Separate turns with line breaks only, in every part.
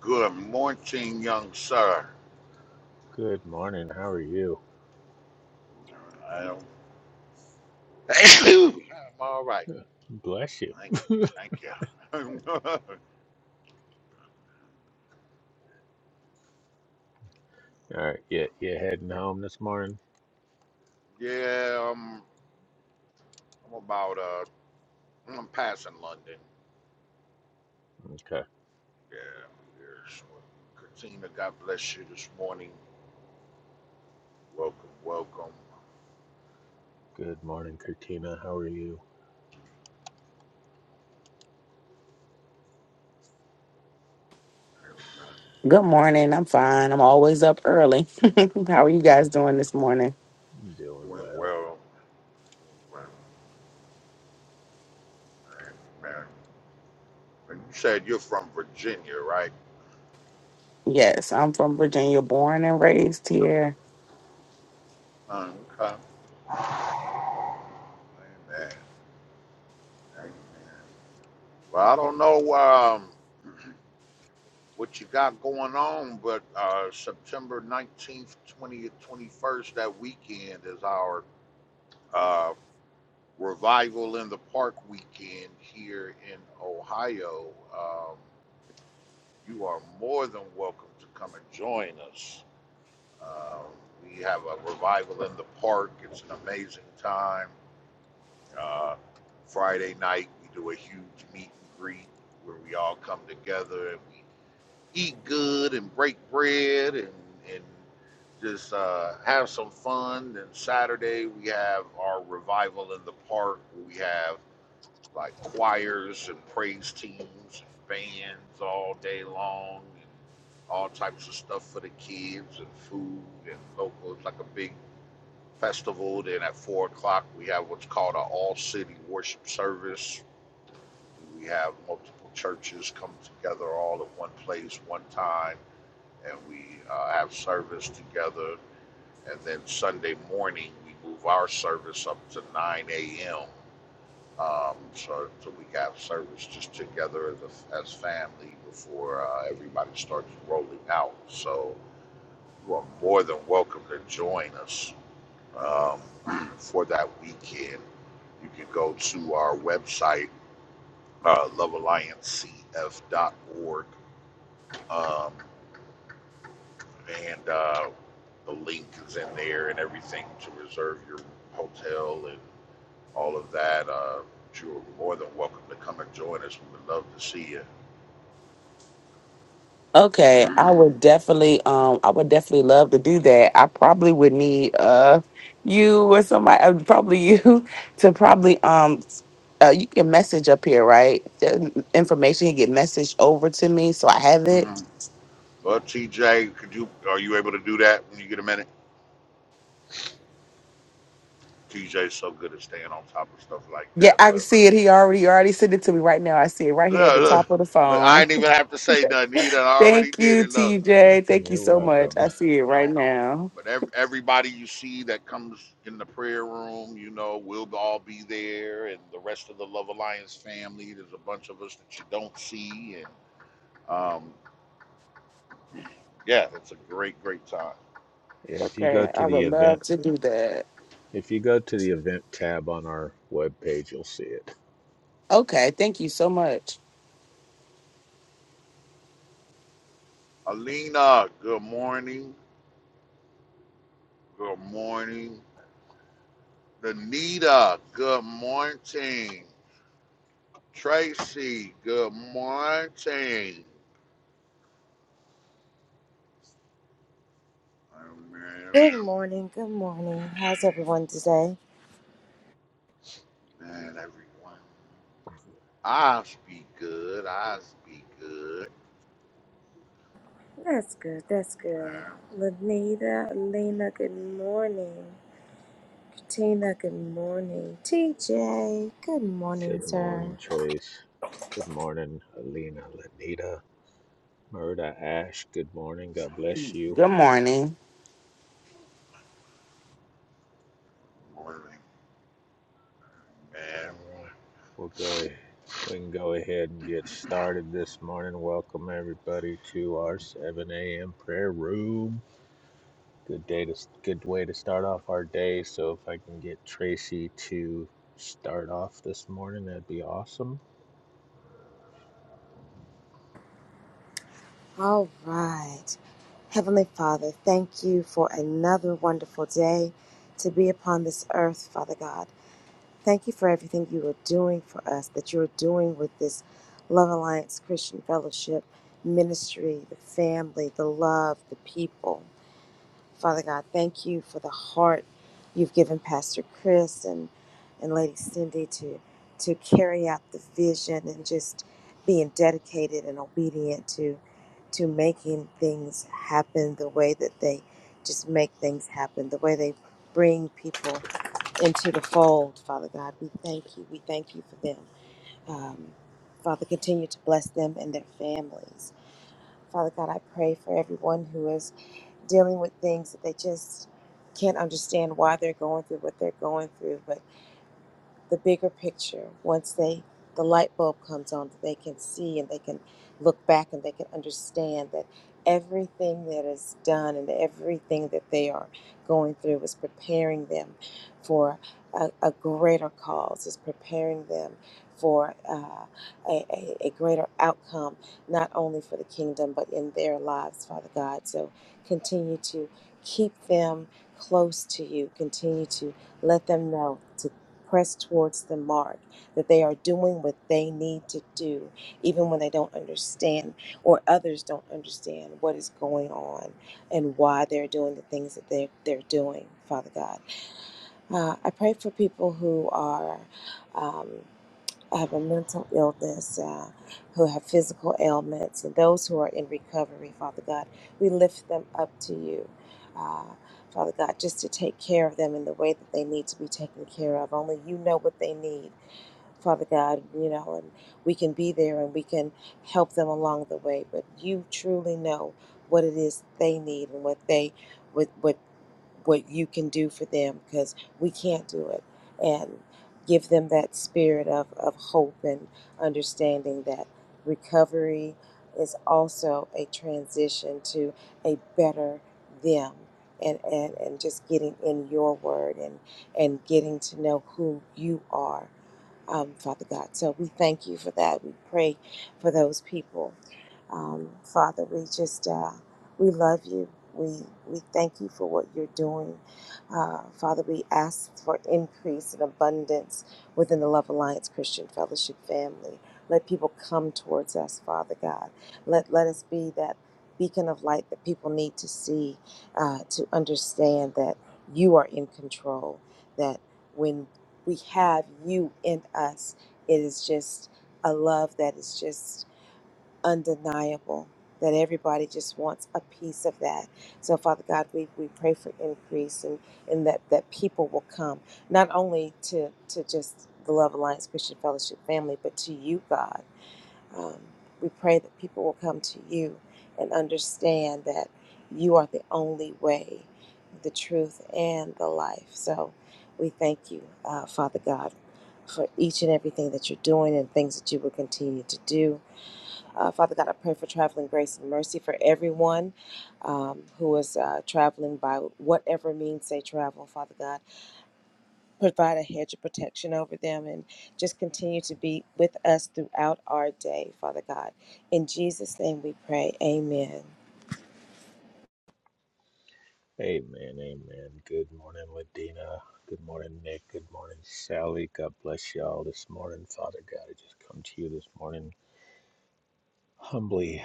Good morning, young sir.
Good morning. How are you?
I am, I'm all right.
Bless you.
Thank, thank you.
All right. You, you heading home this morning?
yeah, I'm, I'm about, uh, I'm passing London.
Okay.
Yeah, yeah. So, Katina, God bless you this morning. Welcome, welcome.
Good morning, Katina. How are you?
And, uh,
Good morning. I'm fine. I'm always up early. How are you guys doing this morning?
Doing
doing
well.
well. Well, Amen. And you said you're from Virginia, right?
Yes, I'm from Virginia, born and raised here.
Okay. Amen. Amen. Well, I don't know. Um, what you got going on, but uh, September 19th, 20th, 21st, that weekend is our uh, Revival in the Park weekend here in Ohio. Um, you are more than welcome to come and join us. Uh, we have a Revival in the Park, it's an amazing time. Uh, Friday night, we do a huge meet and greet where we all come together and we eat good and break bread and, and just uh, have some fun. Then Saturday we have our revival in the park. We have like choirs and praise teams and bands all day long and all types of stuff for the kids and food and local. It's like a big festival. Then at four o'clock we have what's called an all city worship service. We have multiple churches come together all at one place, one time and we uh, have service together. And then Sunday morning, we move our service up to 9 a.m. Um, so, so we have service just together as, a, as family before uh, everybody starts rolling out. So you are more than welcome to join us um, for that weekend. You can go to our website, uh, lovealliancecf.org. Um, and uh, the link is in there and everything to reserve your hotel and all of that. Uh, you're more than welcome to come and join us. We would love to see you.
Okay, I would definitely um I would definitely love to do that. I probably would need uh you or somebody uh, probably you to probably um uh, you can message up here, right? The information can get messaged over to me so I have it.
hmm Well, TJ, could you are you able to do that when you get a minute? TJ's so good at staying on top of stuff like
Yeah,
that.
I can
But
see it. He already he already sent it to me right now. I see it right here at
look,
the
look,
top of the
look I
phone.
ain't even have to say nothing. He done already
Thank
did
you,
it. Look,
TJ. Thank you
You're
so much.
welcome.
I see it
You
right
know,
now.
but ev- everybody you see that comes in the prayer room, you know, we'll all be there, and the rest of the Love Alliance family. There's a bunch of us that you don't see, and um, yeah, it's a great, great time.
Yeah, If you go
Okay,
to
I
the
would love
event,
to do that.
if you go to the event tab on our webpage, you'll see it.
Okay, thank you so much.
Alina, good morning. Good morning. Danita, good morning. Tracy, good morning. Oh, man,
Good morning, good morning. How's everyone today?
man, everyone. I'll be good. I'll be good.
That's good, that's
Amen.
good. Lanita, Elena, good morning. Tina, good morning. TJ, good morning,
Good
sir.
morning, Trace. Good morning, Alina, Lenita, Murda, Ash. Good morning. God bless you.
Good morning.
Good Morning, man.
All right. We'll go ahead. We can go ahead and get started this morning. Welcome everybody to our 7 a.m. prayer room. Good day to good way to start off our day. So if I can get Tracy to start off this morning, that'd be awesome.
All right. Heavenly Father, thank you for another wonderful day to be upon this earth, Father God. Thank you for everything you are doing for us, that you are doing with this Love Alliance Christian Fellowship ministry, the family, the love, the people. Father God, thank you for the heart you've given Pastor Chris and, and Lady Cindy to to carry out the vision and just being dedicated and obedient to to making things happen the way that they just make things happen, the way they bring people into the fold, Father God. We thank you. We thank you for them. Um, Father, continue to bless them and their families. Father God, I pray for everyone who is dealing with things that they just can't understand why they're going through what they're going through. But the bigger picture once they the light bulb comes on that they can see and they can look back and they can understand that everything that is done and everything that they are going through is preparing them for a, a greater cause is preparing them for uh, a, a, a greater outcome not only for the kingdom but in their lives father god so continue to keep them close to you continue to let them know press towards the mark, that they are doing what they need to do, even when they don't understand or others don't understand what is going on and why they're doing the things that they're, they're doing, Father God. Uh, I pray for people who are. Um, have a mental illness, uh, who have physical ailments, and those who are in recovery, Father God. We lift them up to you, uh, Father God, just to take care of them in the way that they need to be taken care of. Only you know what they need. Father God, you know, and we can be there and we can help them along the way. But you truly know what it is that they need and what they, what, what what you can do for them because we can't do it and give them that spirit of, of hope and understanding that recovery is also a transition to a better them and, and, and just getting in your word and, and getting to know who you are um, Father God. So we thank you for that. We pray for those people. Um, Father, we just, uh, we love you. We, we thank you for what you're doing. Uh, Father, we ask for increase and abundance within the Love Alliance Christian Fellowship family. Let people come towards us, Father God. Let, let us be that beacon of light that people need to see uh, to understand that you are in control, that when we have you in us. It is just a love that is just undeniable, that everybody just wants a piece of that. So, Father God, we, we pray for increase and, and that, that people will come, not only to, to just the Love Alliance Christian Fellowship family, but to you, God um, we pray that people will come to you and understand that you are the only way, the truth, and the life. So we thank you, uh, Father God, for each and everything that you're doing and things that you will continue to do. Uh, Father God, I pray for traveling grace and mercy for everyone um, who is uh, traveling by whatever means they travel, Father God provide a hedge of protection over them and just continue to be with us throughout our day, Father God. In Jesus' name we pray. Amen.
Amen. Amen. Good morning, Ladina. Good morning, Nick. Good morning, Sally. God bless y'all this morning. Father God, I just come to you this morning humbly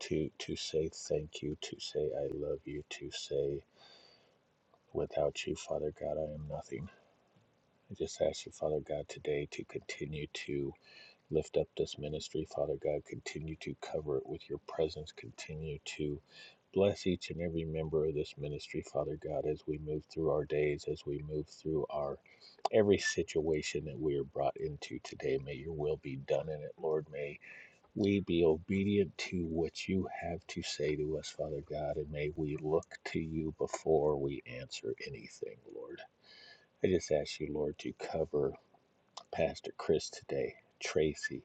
to to say thank you, to say I love you, to say Without you, Father God, I am nothing. I just ask you, Father God, today to continue to lift up this ministry, Father God. Continue to cover it with your presence. Continue to bless each and every member of this ministry, Father God, as we move through our days, as we move through our every situation that we are brought into today. May your will be done in it, Lord. May we be obedient to what you have to say to us, Father God, and may we look to you before we answer anything, Lord. I just ask you, Lord, to cover Pastor Chris today, Tracy,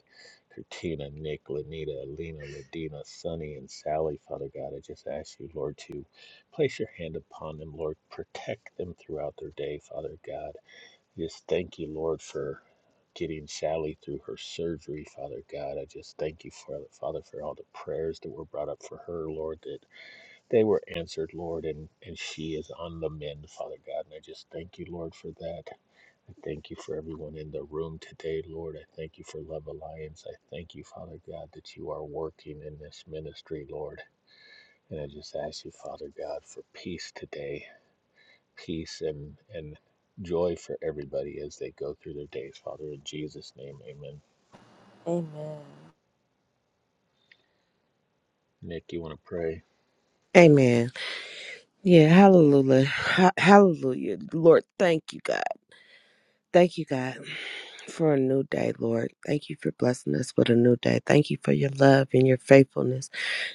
Katrina, Nick, Lanita, Alina, Ladina, Sonny, and Sally, Father God. I just ask you, Lord, to place your hand upon them, Lord. Protect them throughout their day, Father God. Just thank you, Lord, for getting Sally through her surgery, Father God. I just thank you for Father for all the prayers that were brought up for her, Lord, that they were answered, Lord, and, and she is on the mend, Father God. And I just thank you, Lord, for that. I thank you for everyone in the room today, Lord. I thank you for Love Alliance. I thank you, Father God, that you are working in this ministry, Lord. And I just ask you, Father God, for peace today, peace and, and joy for everybody as they go through their days, Father. In Jesus' name, amen.
Amen.
Nick, you want to pray?
Amen. Yeah, hallelujah. Ha- hallelujah. Lord, thank you, God. Thank you, God, for a new day, Lord. Thank you for blessing us with a new day. Thank you for your love and your faithfulness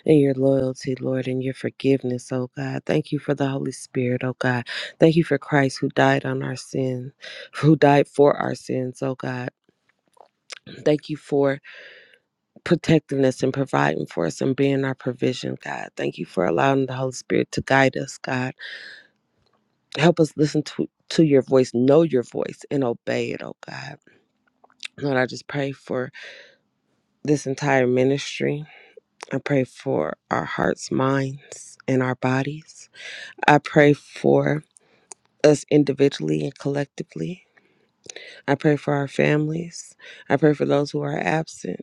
and your loyalty, Lord, and your forgiveness, oh God. Thank you for the Holy Spirit, oh God. Thank you for Christ who died on our sin, who died for our sins, oh God. Thank you for protecting us and providing for us and being our provision, God. Thank you for allowing the Holy Spirit to guide us, God. Help us listen to, to your voice, know your voice, and obey it, oh God. Lord, I just pray for this entire ministry. I pray for our hearts, minds, and our bodies. I pray for us individually and collectively. I pray for our families. I pray for those who are absent.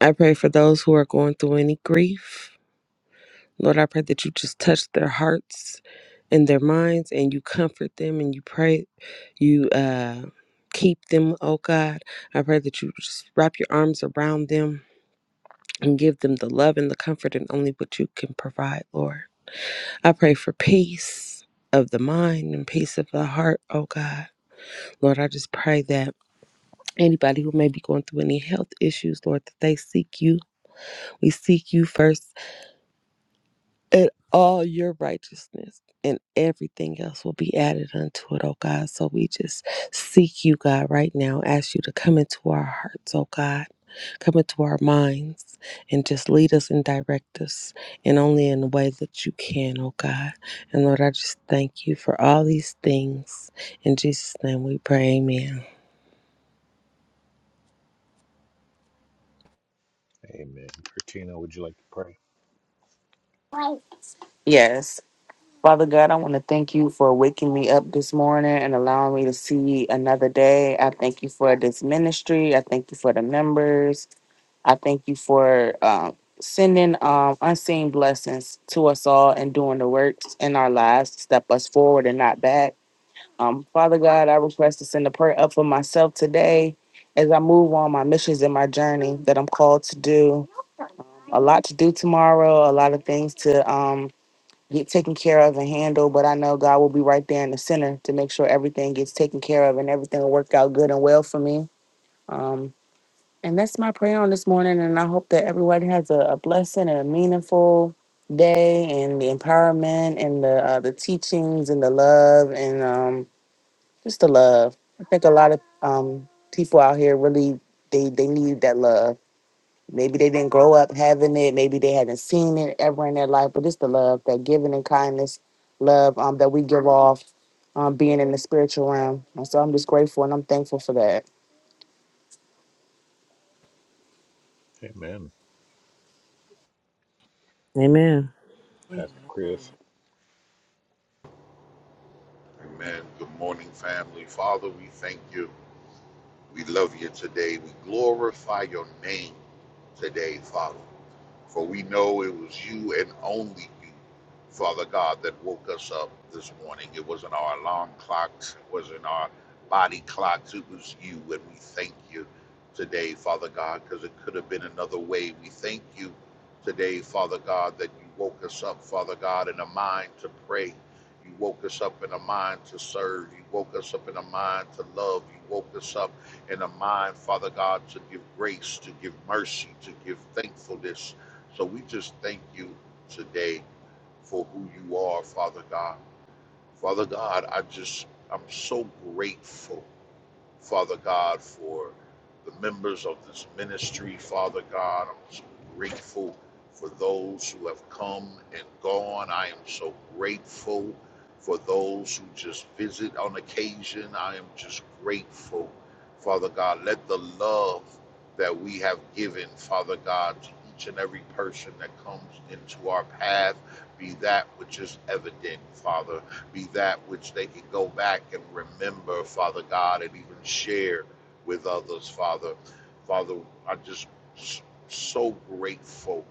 I pray for those who are going through any grief. Lord, I pray that you just touch their hearts and their minds and you comfort them and you pray you uh keep them, oh God. I pray that you just wrap your arms around them and give them the love and the comfort and only what you can provide, Lord. I pray for peace of the mind and peace of the heart, oh God. Lord, I just pray that anybody who may be going through any health issues, Lord, that they seek you. We seek you first and all your righteousness and everything else will be added unto it, oh God. So we just seek you, God, right now. Ask you to come into our hearts, oh God. Come into our minds and just lead us and direct us, and only in the way that you can, oh God. And Lord, I just thank you for all these things. In Jesus' name we pray, amen.
Amen. Christina, would you like to pray?
Yes. Father God, I want to thank you for waking me up this morning and allowing me to see another day. I thank you for this ministry. I thank you for the members. I thank you for um, sending um, unseen blessings to us all and doing the works in our lives to step us forward and not back. Um, Father God, I request to send a prayer up for myself today as I move on my missions and my journey that I'm called to do. A lot to do tomorrow, a lot of things to um, get taken care of and handle, but I know God will be right there in the center to make sure everything gets taken care of and everything will work out good and well for me. Um, and that's my prayer on this morning, and I hope that everyone has a, a blessing and a meaningful day and the empowerment and the uh, the teachings and the love and um just the love. I think a lot of um, people out here really they they need that love. Maybe they didn't grow up having it. Maybe they hadn't seen it ever in their life. But it's the love, that giving and kindness, love um, that we give off, um, being in the spiritual realm. And so I'm just grateful and I'm thankful for that.
Amen.
Amen.
Pastor Chris,
Amen. Good morning, family. Father, we thank you. We love you today. We glorify your name today, Father. For we know it was you and only you, Father God, that woke us up this morning. It wasn't our alarm clocks, it wasn't our body clocks, it was you. And we thank you today, Father God, because it could have been another way. We thank you today, Father God, that you woke us up, Father God, in a mind to pray. You woke us up in a mind to serve. You woke us up in a mind to love. You woke us up in a mind, Father God, to give grace, to give mercy, to give thankfulness so we just thank you today for who you are, Father God. Father God, I just, I'm so grateful Father God, for the members of this ministry. Father God, I'm so grateful for those who have come and gone. I am so grateful for those who just visit on occasion. I am just grateful, Father God. Let the love that we have given, Father God, to each and every person that comes into our path be that which is evident, Father be that which they can go back and remember, Father God, and even share with others, Father. Father, I'm just so grateful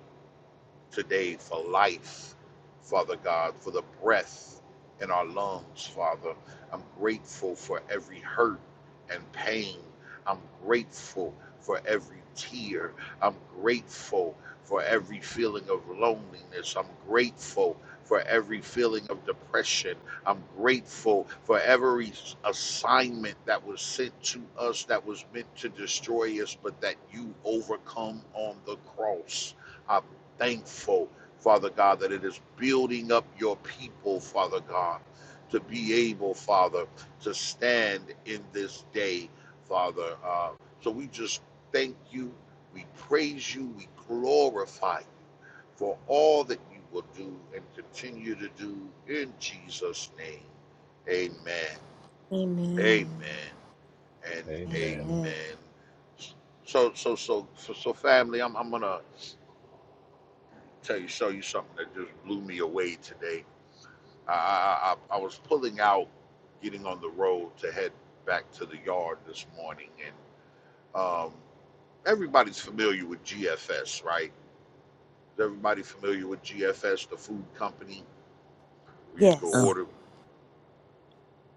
today for life, Father God, for the breath in our lungs, Father. I'm grateful for every hurt and pain. I'm grateful for every tear. I'm grateful for every feeling of loneliness. I'm grateful for every feeling of depression. I'm grateful for every assignment that was sent to us that was meant to destroy us, but that you overcome on the cross. I'm thankful, Father God, that it is building up your people, Father God, to be able, Father, to stand in this day, Father. Uh, so we just thank you, we praise you, we glorify you for all that you will do and continue to do in Jesus' name. Amen.
Amen.
Amen. And
amen.
Amen.
amen. So so so so, so family, I'm I'm gonna tell you, show you something that just blew me away today. I, I, I was pulling out, getting on the road to head back to the yard this morning, and um, everybody's familiar with GFS, right? Is everybody familiar with GFS, the food company where you can
Oh,
Yes.
order?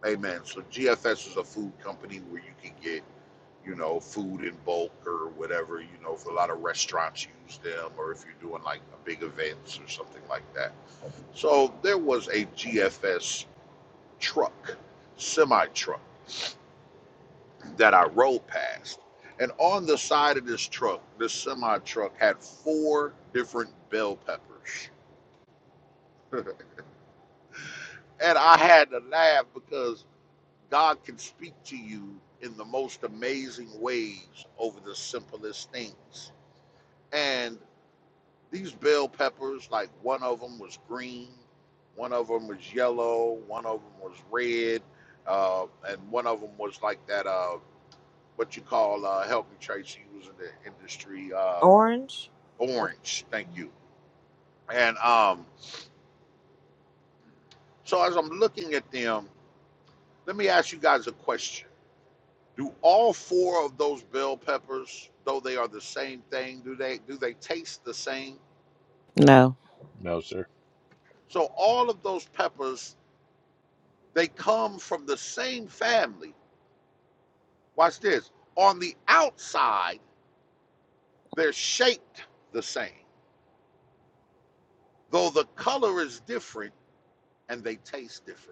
Amen. So GFS is a food company where you can get, you know, food in bulk or whatever. You know, for a lot of restaurants use them, or if you're doing like a big events or something like that. So there was a GFS truck, semi truck that I rode past. And on the side of this truck, this semi truck had four different bell peppers. and I had to laugh because God can speak to you in the most amazing ways over the simplest things. And these bell peppers, like one of them was green, one of them was yellow, one of them was red, uh, and one of them was like that. Uh, what you call uh, help me Tracy, he was in the industry, uh,
Orange was
Orange. Thank you. And um, so as I'm looking at them, let me ask you guys a question: Do all four of those bell peppers, though they are the same thing, do they do they taste the same?
No.
No, sir.
So all of those peppers, they come from the same family. Watch this. On the outside, they're shaped the same, though the color is different and they taste different.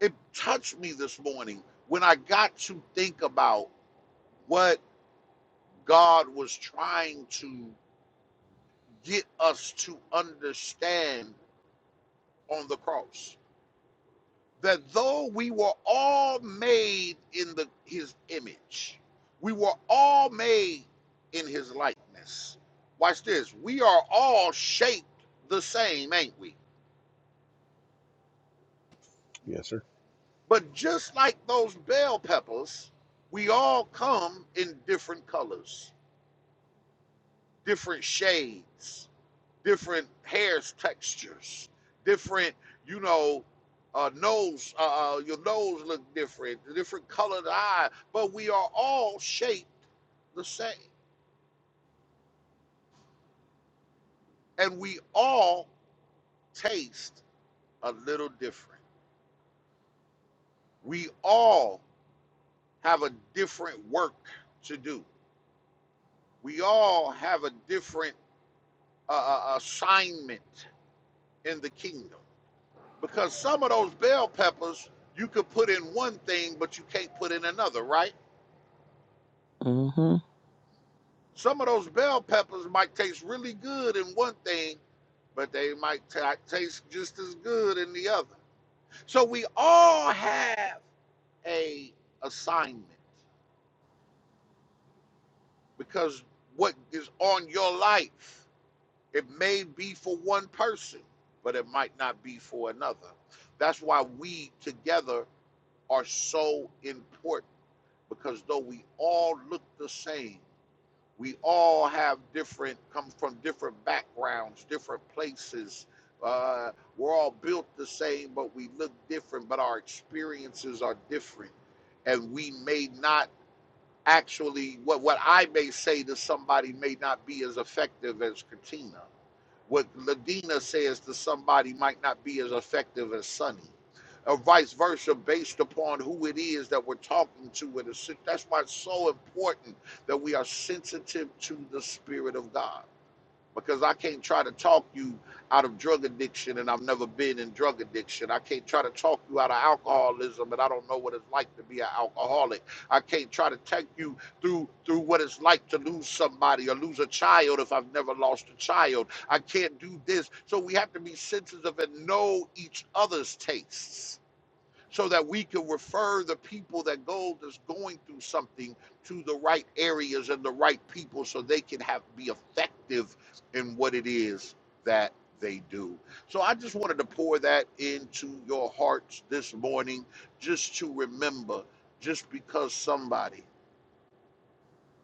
it touched me this morning when I got to think about what God was trying to get us to understand on the cross. That though we were all made in the his image, we were all made in his likeness. Watch this. We are all shaped the same, ain't we?
Yes, sir.
But just like those bell peppers, we all come in different colors different shades, different hairs textures, different, you know, uh, nose, uh, uh, your nose look different, different colored eye, but we are all shaped the same. And we all taste a little different. We all have a different work to do. We all have a different uh, uh, assignment in the kingdom. Because some of those bell peppers you could put in one thing, but you can't put in another, right?
Mm-hmm.
Some of those bell peppers might taste really good in one thing, but they might ta taste just as good in the other. So we all have a assignment because what is on your life, it may be for one person, but it might not be for another. That's why we together are so important because though we all look the same, we all have different, come from different backgrounds, different places. Uh, we're all built the same, but we look different, but our experiences are different. And we may not actually, what, what I may say to somebody may not be as effective as Katina what Ladina says to somebody might not be as effective as Sonny, or vice versa, based upon who it is that we're talking to. With a, that's why it's so important that we are sensitive to the Spirit of God because I can't try to talk you out of drug addiction and I've never been in drug addiction. I can't try to talk you out of alcoholism and I don't know what it's like to be an alcoholic. I can't try to take you through through what it's like to lose somebody or lose a child if I've never lost a child. I can't do this. So we have to be sensitive and know each other's tastes so that we can refer the people that go that's going through something to the right areas and the right people so they can have be effective in what it is that they do. So I just wanted to pour that into your hearts this morning just to remember just because somebody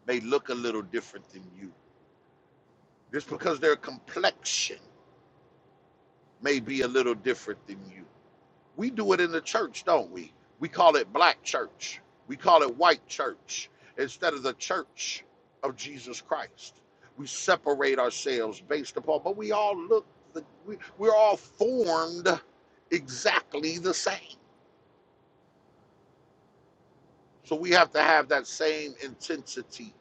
may look a little different than you, just because their complexion may be a little different than you We do it in the church, don't we? We call it black church. We call it white church instead of the church of Jesus Christ. We separate ourselves based upon, but we all look, the, we, we're all formed exactly the same. So we have to have that same intensity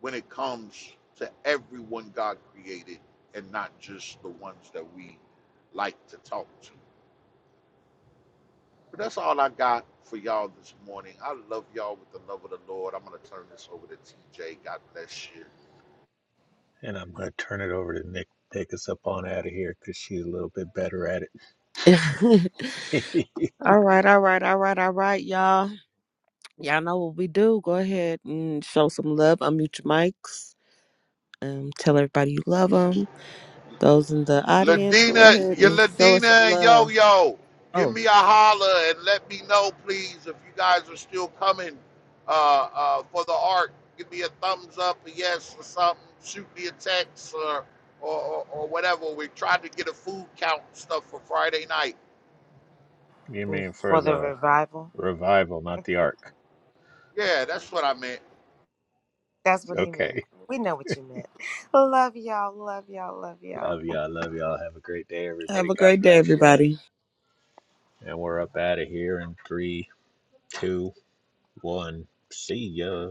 when it comes to everyone God created and not just the ones that we like to talk to. But that's all I got for y'all this morning. I love y'all with the love of the Lord. I'm gonna turn this over to TJ. God bless you.
And I'm going to turn it over to Nick. to Take us up on out of here because she's a little bit better at it.
all right, all right, all right, all right, y'all. Y'all know what we do. Go ahead and show some love. Unmute your mics. Um, tell everybody you love them. Those in the audience, go
Ladina,
ahead
you
and show us some
Ladina and Yo
love.
Yo, give
Oh,
me a holler and let me know, please, if you guys are still coming uh, uh, for the art. Give me a thumbs up, a yes, or something. Shoot me a text or or, or, or whatever. We tried to get a food count and stuff for Friday night.
You mean for
for the
the
revival.
revival, not the ark.
Yeah, that's what I meant.
That's what he meant.
Okay.
We know what you meant. Love y'all. Love y'all. Love y'all.
Love y'all. Love y'all. Have a great day, everybody.
Have a
God
great day,
bless you.
everybody.
And we're up out of here in three, two, one. See ya.